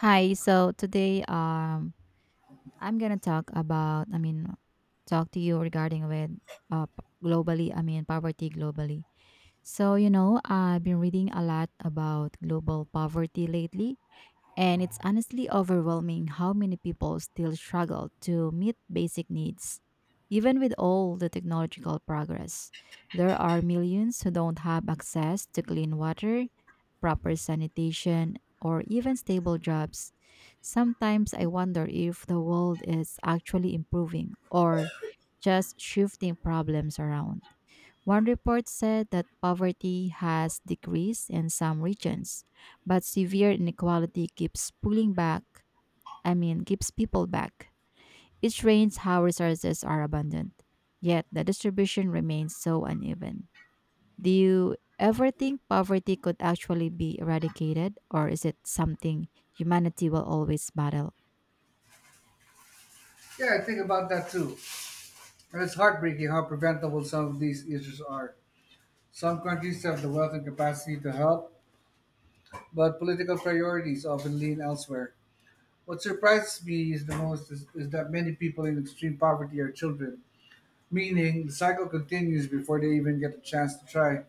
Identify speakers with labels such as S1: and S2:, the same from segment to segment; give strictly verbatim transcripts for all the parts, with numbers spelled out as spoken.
S1: Hi. So today, um, I'm gonna talk about, I mean, Talk to you regarding with uh p- globally, I mean poverty globally. So you know, I've been reading a lot about global poverty lately, and it's honestly overwhelming how many people still struggle to meet basic needs. Even with all the technological progress, there are millions who don't have access to clean water, proper sanitation, or even stable jobs. Sometimes I wonder if the world is actually improving or just shifting problems around. One report said that poverty has decreased in some regions, but severe inequality keeps pulling back, I mean, keeps people back. It strains how resources are abundant, yet the distribution remains so uneven. Do you ever think poverty could actually be eradicated, or is it something humanity will always battle?
S2: Yeah, I think about that too. And it's heartbreaking how preventable some of these issues are. Some countries have the wealth and capacity to help, but political priorities often lean elsewhere. What surprises me is the most is, is that many people in extreme poverty are children, meaning the cycle continues before they even get a chance to try.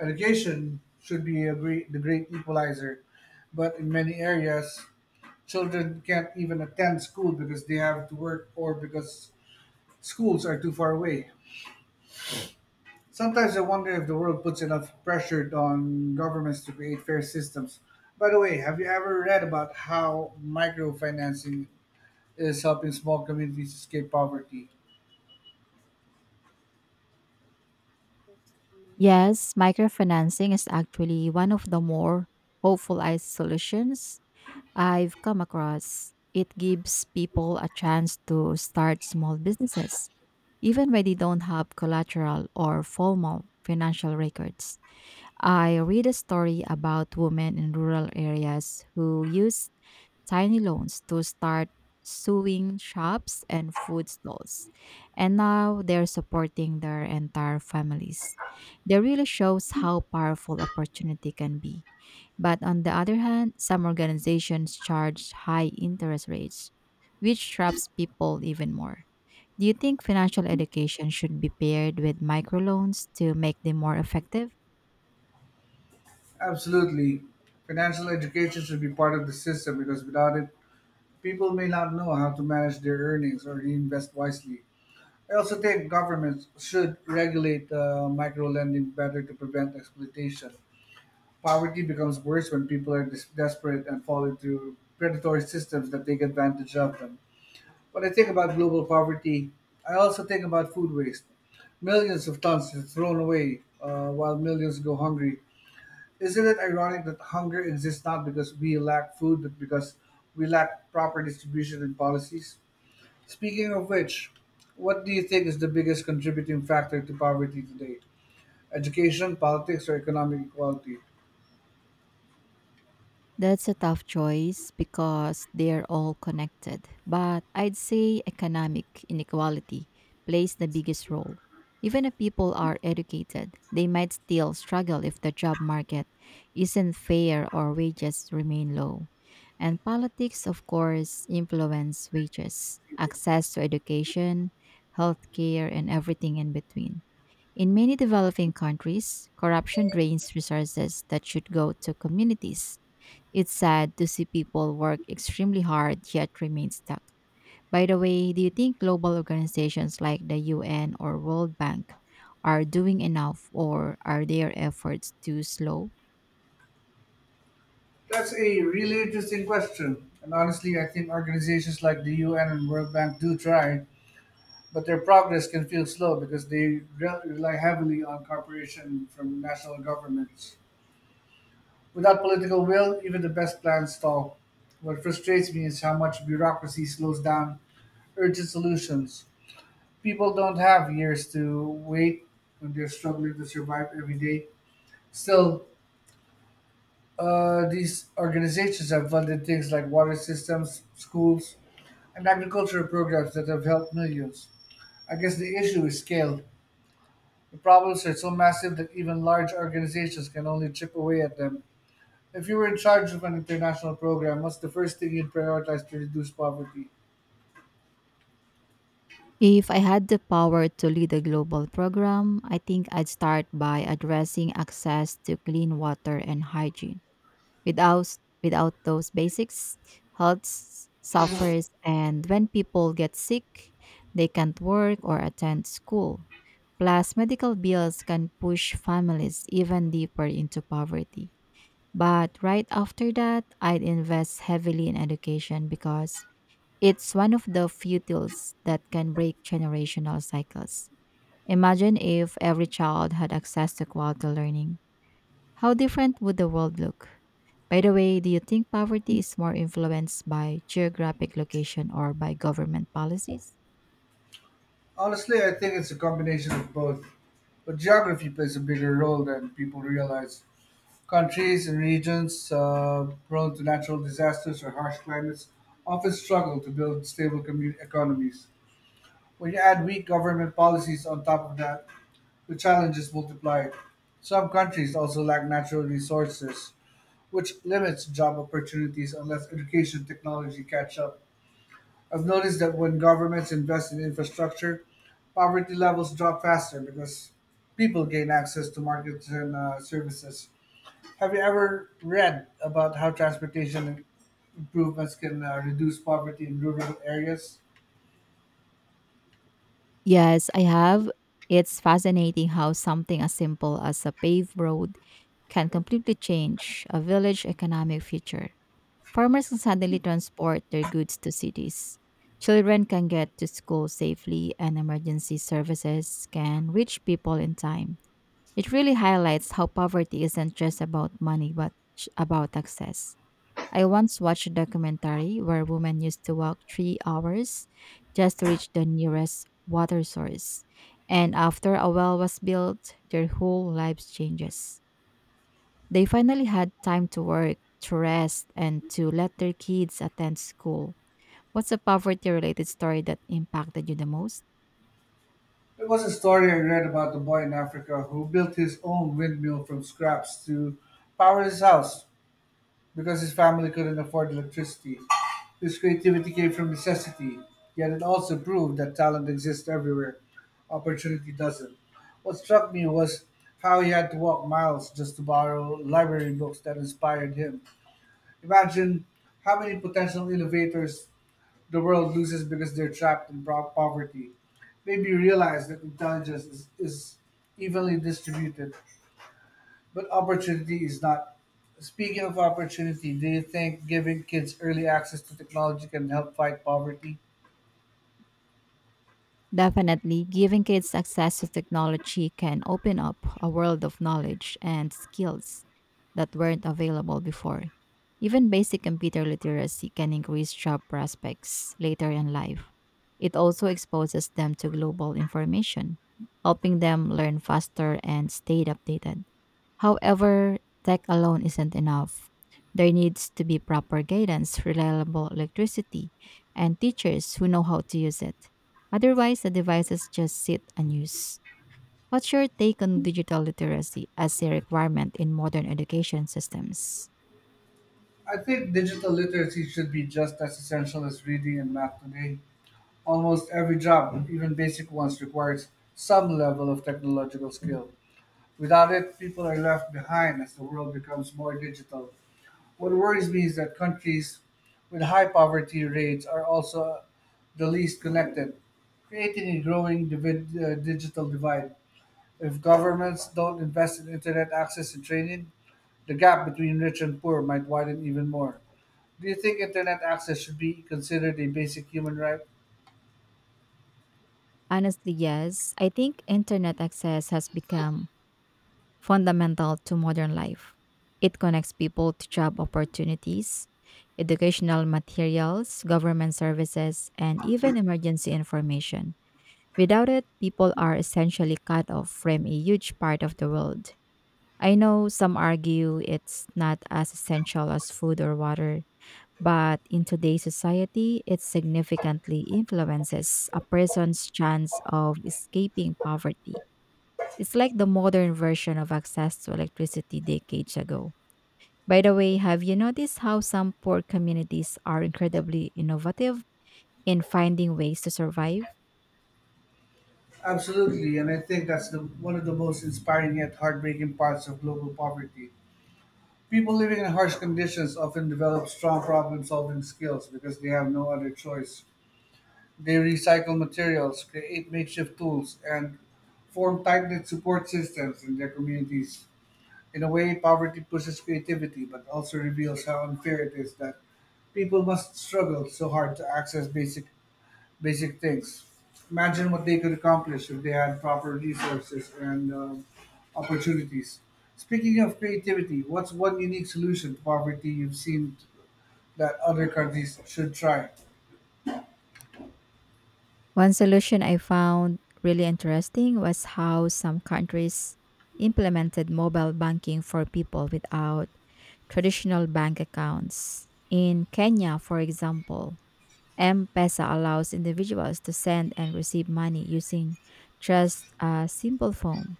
S2: Education should be a great, the great equalizer, but in many areas, children can't even attend school because they have to work or because schools are too far away. Sometimes I wonder if the world puts enough pressure on governments to create fair systems. By the way, have you ever read about how microfinancing is helping small communities escape poverty?
S1: Yes, microfinancing is actually one of the more hopeful I- solutions I've come across. It gives people a chance to start small businesses, even when they don't have collateral or formal financial records. I read a story about women in rural areas who use tiny loans to start sewing shops and food stalls, and now they're supporting their entire families. They really shows how powerful opportunity can be, but on the other hand, some organizations charge high interest rates, which traps people even more. Do you think financial education should be paired with microloans to make them more effective?
S2: Absolutely. Financial education should be part of the system because without it, people may not know how to manage their earnings or invest wisely. I also think governments should regulate uh, micro lending better to prevent exploitation. Poverty becomes worse when people are des- desperate and fall into predatory systems that take advantage of them. When I think about global poverty, I also think about food waste. Millions of tons are thrown away uh, while millions go hungry. Isn't it ironic that hunger exists not because we lack food, but because we lack proper distribution and policies? Speaking of which, what do you think is the biggest contributing factor to poverty today? Education, politics, or economic equality?
S1: That's a tough choice because they're all connected, but I'd say economic inequality plays the biggest role. Even if people are educated, they might still struggle if the job market isn't fair or wages remain low. And politics, of course, influence wages, access to education, healthcare, and everything in between. In many developing countries, corruption drains resources that should go to communities. It's sad to see people work extremely hard yet remain stuck. By the way, do you think global organizations like the U N or World Bank are doing enough, or are their efforts too slow?
S2: That's a really interesting question. And honestly, I think organizations like the U N and World Bank do try, but their progress can feel slow because they re- rely heavily on cooperation from national governments. Without political will, even the best plans stall. What frustrates me is how much bureaucracy slows down urgent solutions. People don't have years to wait when they're struggling to survive every day. Still, uh, these organizations have funded things like water systems, schools, and agricultural programs that have helped millions. I guess the issue is scale. The problems are so massive that even large organizations can only chip away at them. If you were in charge of an international program, what's the first thing you'd prioritize to reduce poverty?
S1: If I had the power to lead a global program, I think I'd start by addressing access to clean water and hygiene. Without without those basics, health s- suffers, and when people get sick, they can't work or attend school. Plus, medical bills can push families even deeper into poverty. But right after that, I'd invest heavily in education because it's one of the few tools that can break generational cycles. Imagine if every child had access to quality learning. How different would the world look? By the way, do you think poverty is more influenced by geographic location or by government policies?
S2: Honestly, I think it's a combination of both. But geography plays a bigger role than people realize. Countries and regions uh, prone to natural disasters or harsh climates often struggle to build stable commu- economies. When you add weak government policies on top of that, the challenges multiplied. Some countries also lack natural resources, which limits job opportunities unless education technology catch up. I've noticed that when governments invest in infrastructure, poverty levels drop faster because people gain access to markets and uh, services. Have you ever read about how transportation improvements can uh, reduce poverty in rural areas?
S1: Yes, I have. It's fascinating how something as simple as a paved road can completely change a village's economic future. Farmers can suddenly transport their goods to cities. Children can get to school safely, and emergency services can reach people in time. It really highlights how poverty isn't just about money, but sh- about access. I once watched a documentary where women used to walk three hours just to reach the nearest water source. And after a well was built, their whole lives changes. They finally had time to work, to rest, and to let their kids attend school. What's a poverty related story that impacted you the most?
S2: There was a story I read about a boy in Africa who built his own windmill from scraps to power his house because his family couldn't afford electricity. His creativity came from necessity, yet it also proved that talent exists everywhere, opportunity doesn't. What struck me was how he had to walk miles just to borrow library books that inspired him. Imagine how many potential innovators the world loses because they're trapped in pro- poverty. Maybe realize that intelligence is, is evenly distributed, but opportunity is not. Speaking of opportunity, do you think giving kids early access to technology can help fight poverty?
S1: Definitely, giving kids access to technology can open up a world of knowledge and skills that weren't available before. Even basic computer literacy can increase job prospects later in life. It also exposes them to global information, helping them learn faster and stay updated. However, tech alone isn't enough. There needs to be proper guidance, reliable electricity, and teachers who know how to use it. Otherwise, the devices just sit unused. What's your take on digital literacy as a requirement in modern education systems?
S2: I think digital literacy should be just as essential as reading and math today. Almost every job, even basic ones, requires some level of technological skill. Without it, people are left behind as the world becomes more digital. What worries me is that countries with high poverty rates are also the least connected, creating a growing divid- uh, digital divide. If governments don't invest in internet access and training, the gap between rich and poor might widen even more. Do you think internet access should be considered a basic human right?
S1: Honestly, yes. I think internet access has become fundamental to modern life. It connects people to job opportunities, educational materials, government services, and even emergency information. Without it, people are essentially cut off from a huge part of the world. I know some argue it's not as essential as food or water, but in today's society, it significantly influences a person's chance of escaping poverty. It's like the modern version of access to electricity decades ago. By the way, have you noticed how some poor communities are incredibly innovative in finding ways to survive?
S2: Absolutely, and I think that's the, one of the most inspiring yet heartbreaking parts of global poverty. People living in harsh conditions often develop strong problem solving skills because they have no other choice. They recycle materials, create makeshift tools, and form tight knit support systems in their communities. In a way, poverty pushes creativity but also reveals how unfair it is that people must struggle so hard to access basic basic things. Imagine what they could accomplish if they had proper resources and um, opportunities. Speaking of creativity, what's one unique solution to poverty you've seen that other countries should try?
S1: One solution I found really interesting was how some countries implemented mobile banking for people without traditional bank accounts. In Kenya, for example, M Pesa allows individuals to send and receive money using just a simple phone.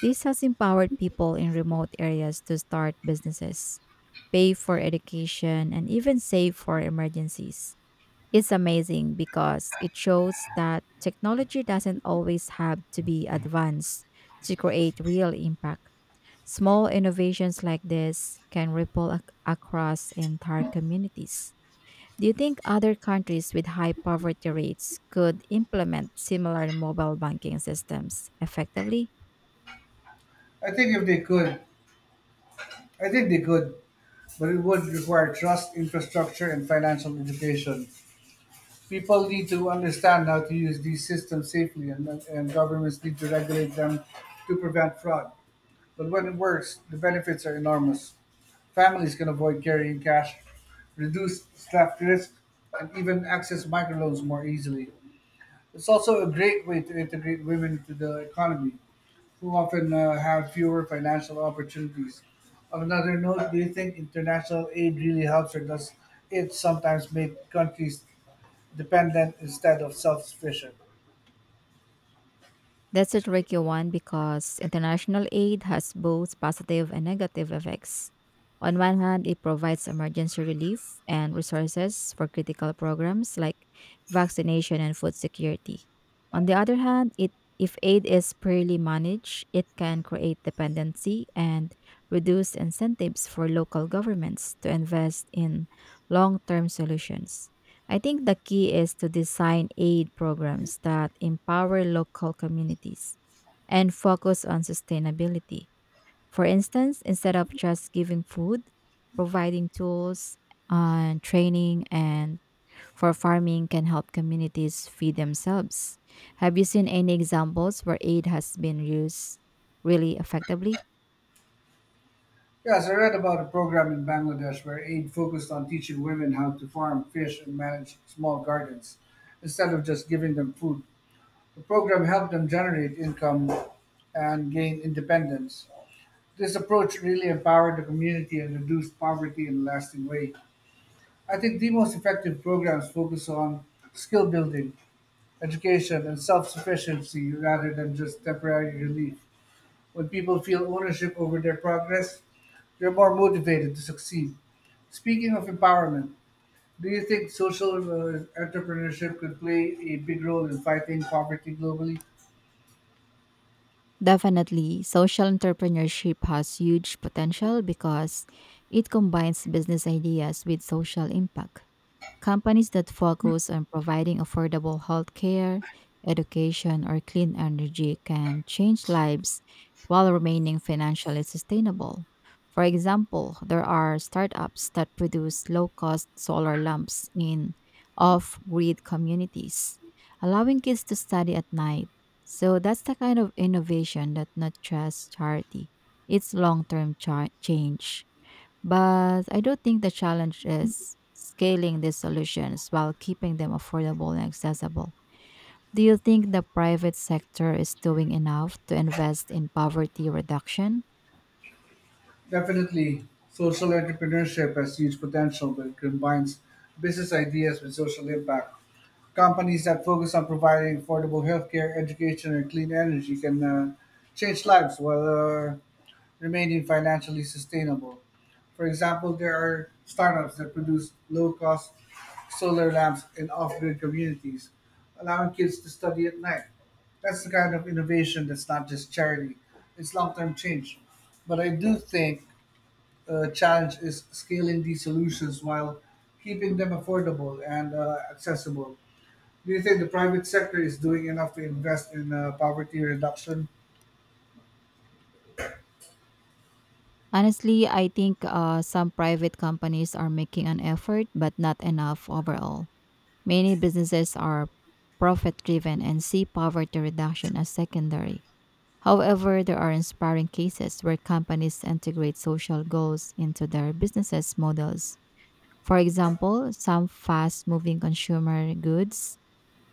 S1: This has empowered people in remote areas to start businesses, pay for education, and even save for emergencies. It's amazing because it shows that technology doesn't always have to be advanced to create real impact. Small innovations like this can ripple ac- across entire communities. Do you think other countries with high poverty rates could implement similar mobile banking systems effectively?
S2: I think if they could, I think they could, but it would require trust, infrastructure, and financial education. People need to understand how to use these systems safely, and, and governments need to regulate them to prevent fraud. But when it works, the benefits are enormous. Families can avoid carrying cash, reduce theft risk, and even access microloans more easily. It's also a great way to integrate women into the economy, who often uh, have fewer financial opportunities. On another note, do you think international aid really helps, or does it sometimes make countries dependent instead of self sufficient?
S1: That's a tricky one because international aid has both positive and negative effects. On one hand, it provides emergency relief and resources for critical programs like vaccination and food security. On the other hand, it if aid is poorly managed, it can create dependency and reduce incentives for local governments to invest in long-term solutions. I think the key is to design aid programs that empower local communities and focus on sustainability. For instance, instead of just giving food, providing tools and training and for farming can help communities feed themselves. Have you seen any examples where aid has been used really effectively?
S2: Yes, I read about a program in Bangladesh where aid focused on teaching women how to farm, fish, and manage small gardens instead of just giving them food. The program helped them generate income and gain independence. This approach really empowered the community and reduced poverty in a lasting way. I think the most effective programs focus on skill building, education, and self sufficiency rather than just temporary relief. When people feel ownership over their progress, they're more motivated to succeed. Speaking of empowerment, do you think social uh, entrepreneurship could play a big role in fighting poverty globally?
S1: Definitely, social entrepreneurship has huge potential because it combines business ideas with social impact. Companies that focus on providing affordable healthcare, education, or clean energy can change lives while remaining financially sustainable. For example, there are startups that produce low-cost solar lamps in off-grid communities, allowing kids to study at night. So that's the kind of innovation that not just charity, it's long-term change. But I do think the challenge is scaling these solutions while keeping them affordable and accessible. Do you think the private sector is doing enough to invest in poverty reduction?
S2: Definitely, social entrepreneurship has huge potential when it combines business ideas with social impact. Companies that focus on providing affordable healthcare, education, and clean energy can uh, change lives while uh, remaining financially sustainable. For example, there are startups that produce low cost solar lamps in off grid communities, allowing kids to study at night. That's the kind of innovation that's not just charity, it's long term change. But I do think the challenge is scaling these solutions while keeping them affordable and uh, accessible. Do you think the private sector is doing enough to invest in uh, poverty reduction?
S1: Honestly, I think uh, some private companies are making an effort, but not enough overall. Many businesses are profit driven and see poverty reduction as secondary. However, there are inspiring cases where companies integrate social goals into their businesses models. For example, some fast moving consumer goods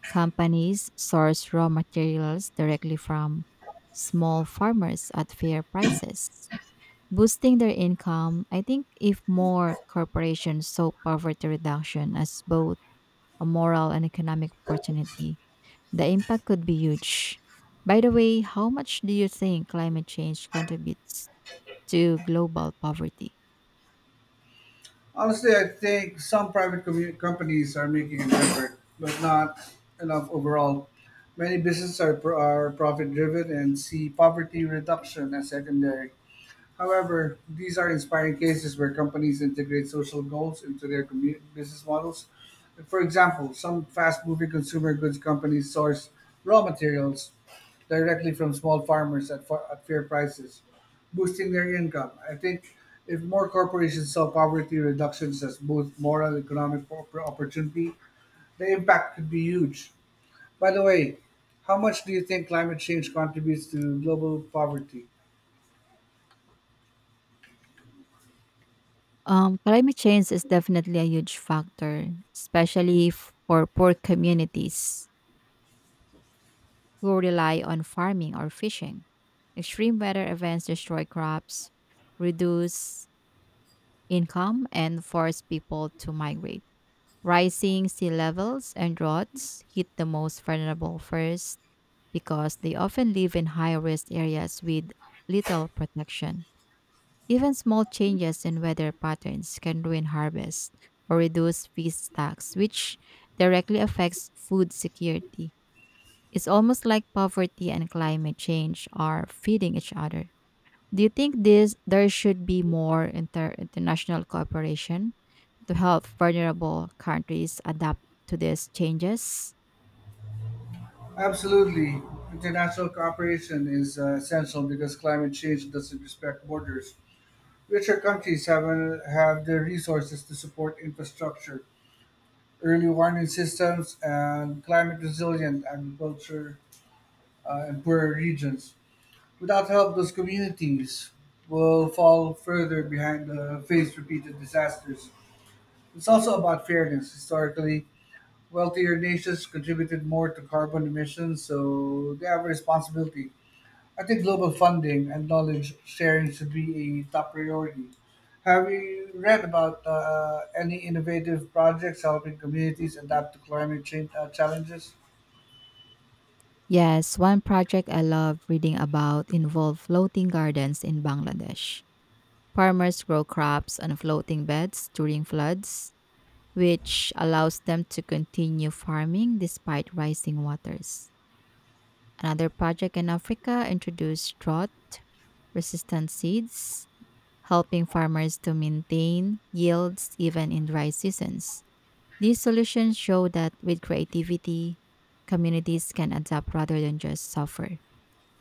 S1: companies source raw materials directly from small farmers at fair prices, boosting their income. I think if more corporations saw poverty reduction as both a moral and economic opportunity, the impact could be huge. By the way, how much do you think climate change contributes to global poverty?
S2: Honestly, I think some private commu- companies are making an effort, but not enough overall. Many businesses are, pro- are profit driven and see poverty reduction as secondary. However, these are inspiring cases where companies integrate social goals into their commu- business models. For example, some fast moving consumer goods companies source raw materials directly from small farmers at, fa- at fair prices, boosting their income. I think if more corporations saw poverty reductions as both moral and economic op- opportunity, the impact could be huge. By the way, how much do you think climate change contributes to global poverty?
S1: Um, climate change is definitely a huge factor, especially f- for poor communities who rely on farming or fishing. Extreme weather events destroy crops, reduce income, and force people to migrate. Rising sea levels and droughts hit the most vulnerable first because they often live in high risk areas with little protection. Even small changes in weather patterns can ruin harvest or reduce feed stocks, which directly affects food security. It's almost like poverty and climate change are feeding each other. Do you think this there should be more inter- international cooperation to help vulnerable countries adapt to these changes?
S2: Absolutely. International cooperation is uh, essential because climate change doesn't respect borders. Richer countries have, uh, have the resources to support infrastructure, early warning systems, and climate resilient agriculture uh, in poorer regions. Without help, those communities will fall further behind the face repeated disasters. It's also about fairness. Historically, wealthier nations contributed more to carbon emissions, so they have a responsibility. I think global funding and knowledge sharing should be a top priority. Have you read about uh, any innovative projects helping communities adapt to climate change uh, challenges?
S1: Yes, one project I love reading about involved floating gardens in Bangladesh. Farmers grow crops on floating beds during floods, which allows them to continue farming despite rising waters. Another project in Africa introduced drought resistant seeds, helping farmers to maintain yields even in dry seasons. These solutions show that with creativity, communities can adapt rather than just suffer.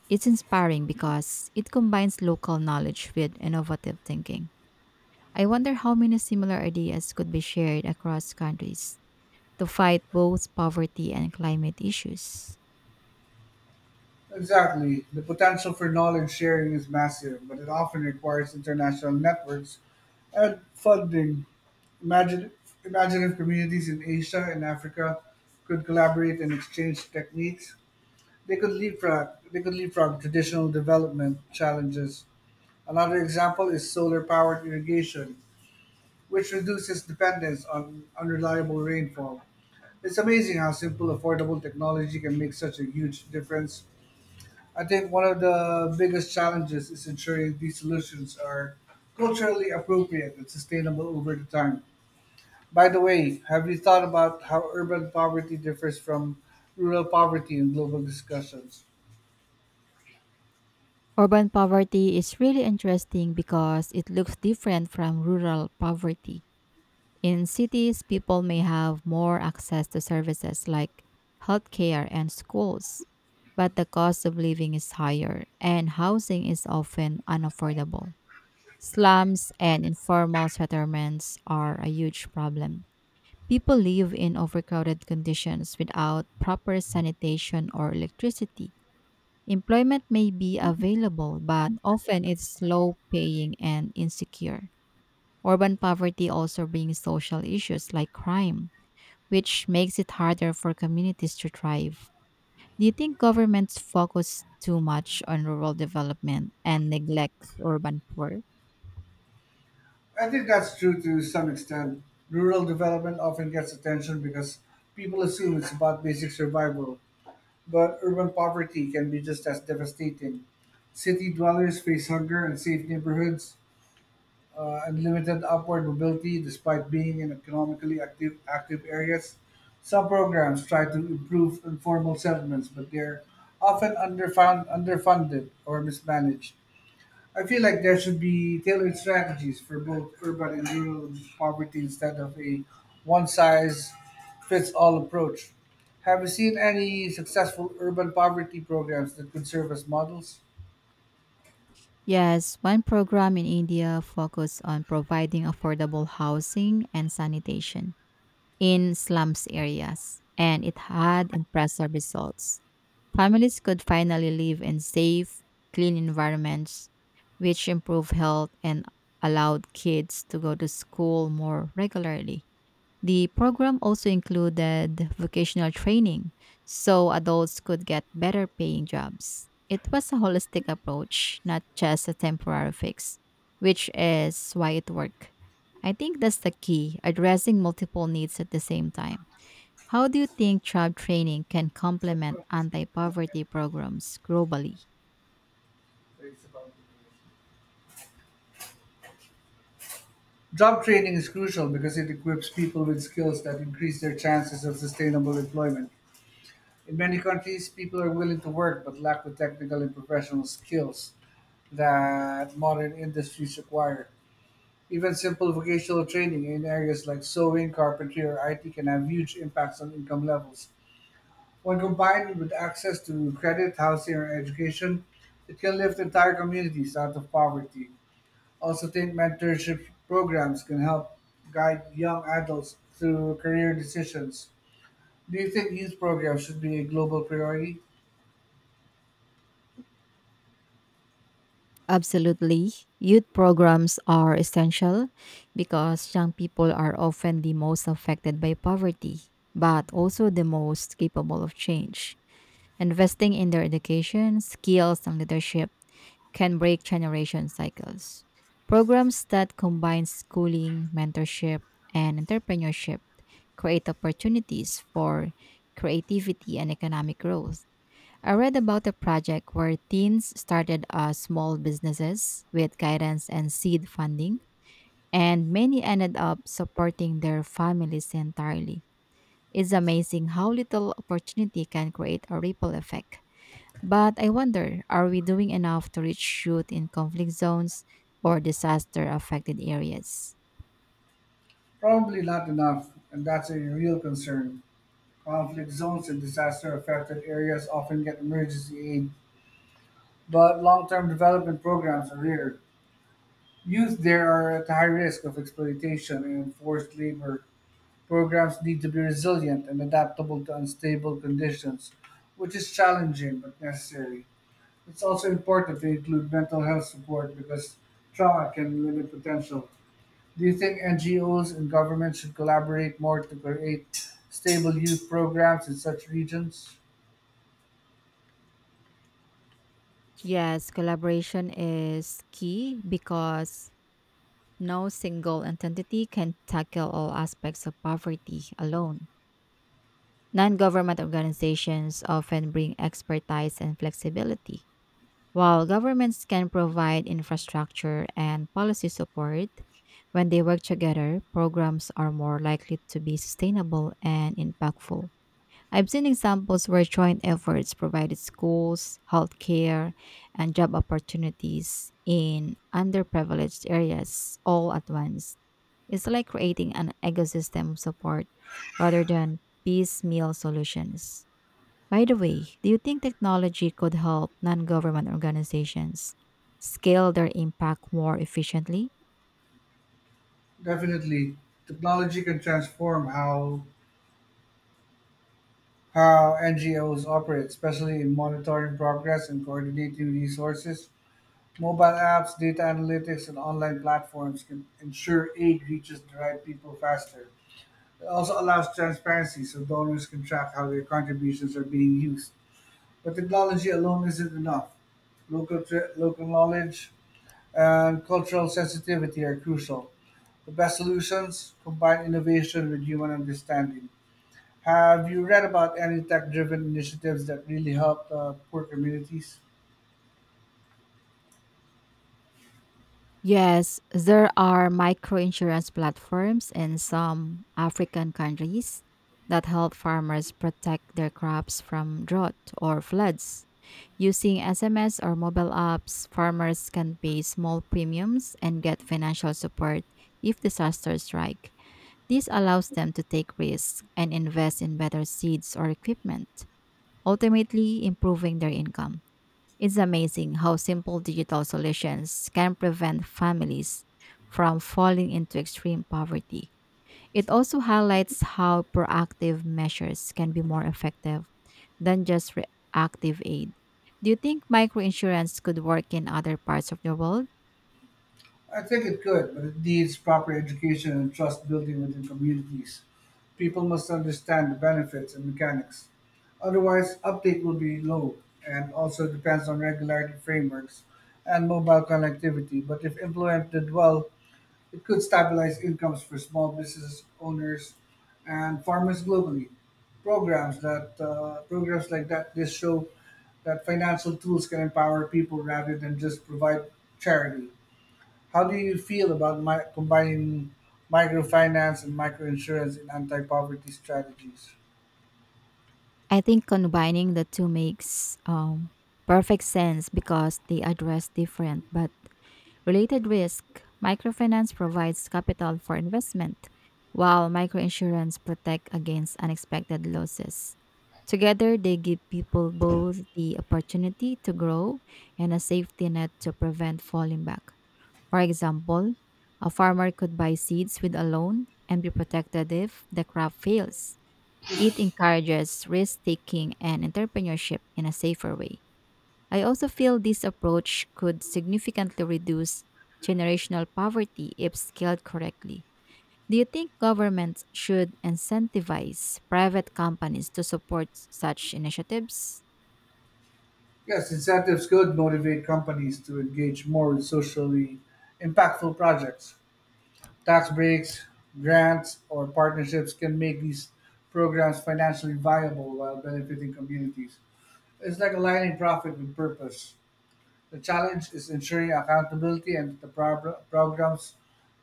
S1: It's inspiring because it combines local knowledge with innovative thinking. I wonder how many similar ideas could be shared across countries to fight both poverty and climate issues.
S2: Exactly. The potential for knowledge sharing is massive, but it often requires international networks and funding. Imagine, imagine if communities in Asia and Africa could collaborate and exchange techniques. They could leapfrog. They could leapfrog traditional development challenges. Another example is solar-powered irrigation, which reduces dependence on unreliable rainfall. It's amazing how simple, affordable technology can make such a huge difference. I think one of the biggest challenges is ensuring these solutions are culturally appropriate and sustainable over the time. By the way, have you thought about how urban poverty differs from rural poverty in global discussions?
S1: Urban poverty is really interesting because it looks different from rural poverty. In cities, people may have more access to services like healthcare and schools, but the cost of living is higher and housing is often unaffordable. Slums and informal settlements are a huge problem. People live in overcrowded conditions without proper sanitation or electricity. Employment may be available, but often it's low paying and insecure. Urban poverty also brings social issues like crime, which makes it harder for communities to thrive. Do you think governments focus too much on rural development and neglect urban poor?
S2: I think that's true to some extent. Rural development often gets attention because people assume it's about basic survival, but urban poverty can be just as devastating. City dwellers face hunger and safe neighborhoods, uh, and limited upward mobility despite being in economically active, active areas. Some programs try to improve informal settlements, but they're often underfund, underfunded or mismanaged. I feel like there should be tailored strategies for both urban and rural poverty instead of a one size fits all approach. Have you seen any successful urban poverty programs that could serve as models?
S1: Yes, one program in India focused on providing affordable housing and sanitation in slums areas, and it had impressive results. Families could finally live in safe, clean environments, which improved health and allowed kids to go to school more regularly. The program also included vocational training so adults could get better paying jobs. It was a holistic approach, not just a temporary fix, which is why it worked. I think that's the key, addressing multiple needs at the same time. How do you think job training can complement anti poverty programs globally?
S2: Job training is crucial because it equips people with skills that increase their chances of sustainable employment. In many countries, people are willing to work but lack the technical and professional skills that modern industries require. Even simple vocational training in areas like sewing, carpentry, or I T can have huge impacts on income levels. When combined with access to credit, housing, or education, it can lift entire communities out of poverty. Also, think mentorship programs can help guide young adults through career decisions. Do you think youth programs should be a global priority?
S1: Absolutely. Youth programs are essential because young people are often the most affected by poverty, but also the most capable of change. Investing in their education, skills, and leadership can break generation cycles. Programs that combine schooling, mentorship, and entrepreneurship create opportunities for creativity and economic growth. I read about a project where teens started uh, small businesses with guidance and seed funding, and many ended up supporting their families entirely. It's amazing how little opportunity can create a ripple effect. But I wonder, are we doing enough to reach youth in conflict zones or disaster affected areas?
S2: Probably not enough, and that's a real concern. Conflict zones and disaster affected areas often get emergency aid. But long-term development programs are rare. Youth there are at high risk of exploitation and forced labor. Programs need to be resilient and adaptable to unstable conditions, which is challenging but necessary. It's also important to include mental health support because trauma can limit potential. Do you think N G Os and governments should collaborate more to create stable youth programs in such regions?
S1: Yes, collaboration is key because no single entity can tackle all aspects of poverty alone. Non government organizations often bring expertise and flexibility, while governments can provide infrastructure and policy support. When they work together, programs are more likely to be sustainable and impactful. I've seen examples where joint efforts provided schools, healthcare, and job opportunities in underprivileged areas all at once. It's like creating an ecosystem of support rather than piecemeal solutions. By the way, do you think technology could help non government organizations scale their impact more efficiently?
S2: Definitely. Technology can transform how how N G Os operate, especially in monitoring progress and coordinating resources. Mobile apps, data analytics, and online platforms can ensure aid reaches the right people faster. It also allows transparency so donors can track how their contributions are being used. But technology alone isn't enough. Local, tra- local knowledge and cultural sensitivity are crucial. The best solutions combine innovation with human understanding. Have you read about any tech driven initiatives that really help uh, poor communities?
S1: Yes, there are microinsurance platforms in some African countries that help farmers protect their crops from drought or floods. Using S M S or mobile apps, farmers can pay small premiums and get financial support if disasters strike. This allows them to take risks and invest in better seeds or equipment, ultimately improving their income. It's amazing how simple digital solutions can prevent families from falling into extreme poverty. It also highlights how proactive measures can be more effective than just reactive aid. Do you think microinsurance could work in other parts of the world?
S2: I think it could, but it needs proper education and trust building within communities. People must understand the benefits and mechanics. Otherwise, uptake will be low and also depends on regulatory frameworks and mobile connectivity. But if implemented well, it could stabilize incomes for small business owners and farmers globally. Programs that uh, programs like that this show that financial tools can empower people rather than just provide charity. How do you feel about mi- combining microfinance and microinsurance in anti-poverty strategies?
S1: I think combining the two makes um, perfect sense because they address different but related risk. Microfinance provides capital for investment, while microinsurance protects against unexpected losses. Together, they give people both the opportunity to grow and a safety net to prevent falling back. For example, a farmer could buy seeds with a loan and be protected if the crop fails. It encourages risk taking and entrepreneurship in a safer way. I also feel this approach could significantly reduce generational poverty if scaled correctly. Do you think governments should incentivize private companies to support such initiatives?
S2: Yes, incentives could motivate companies to engage more in socially impactful projects. Tax breaks, grants, or partnerships can make these programs financially viable while benefiting communities. It's like aligning profit with purpose. The challenge is ensuring accountability and that the pro- programs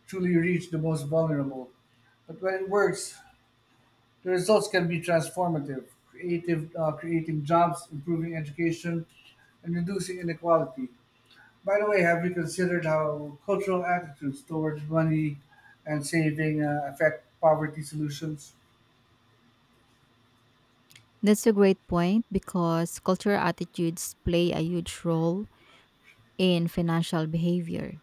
S2: truly reach the most vulnerable. But when it works, the results can be transformative, creative, uh, creating jobs, improving education, and reducing inequality. By the way, have you considered how cultural attitudes towards money and saving uh, affect poverty solutions?
S1: That's a great point because cultural attitudes play a huge role in financial behavior.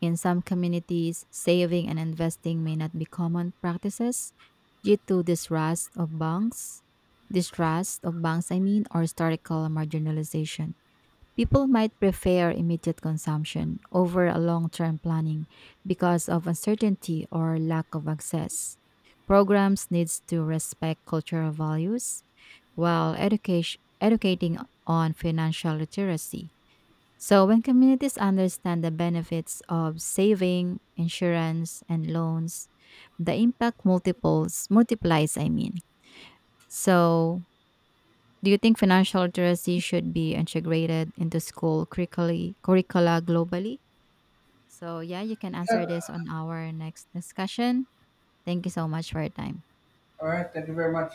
S1: In some communities, saving and investing may not be common practices due to distrust of banks, distrust of banks, I mean, or historical marginalization. People might prefer immediate consumption over a long-term planning because of uncertainty or lack of access. Programs needs to respect cultural values while education, educating on financial literacy, so when communities understand the benefits of saving, insurance, and loans, the impact multiples multiplies, I mean. So, do you think financial literacy should be integrated into school curricula, curricula globally? So, yeah, you can answer this on our next discussion. Thank you so much for your time.
S2: All right, thank you very much.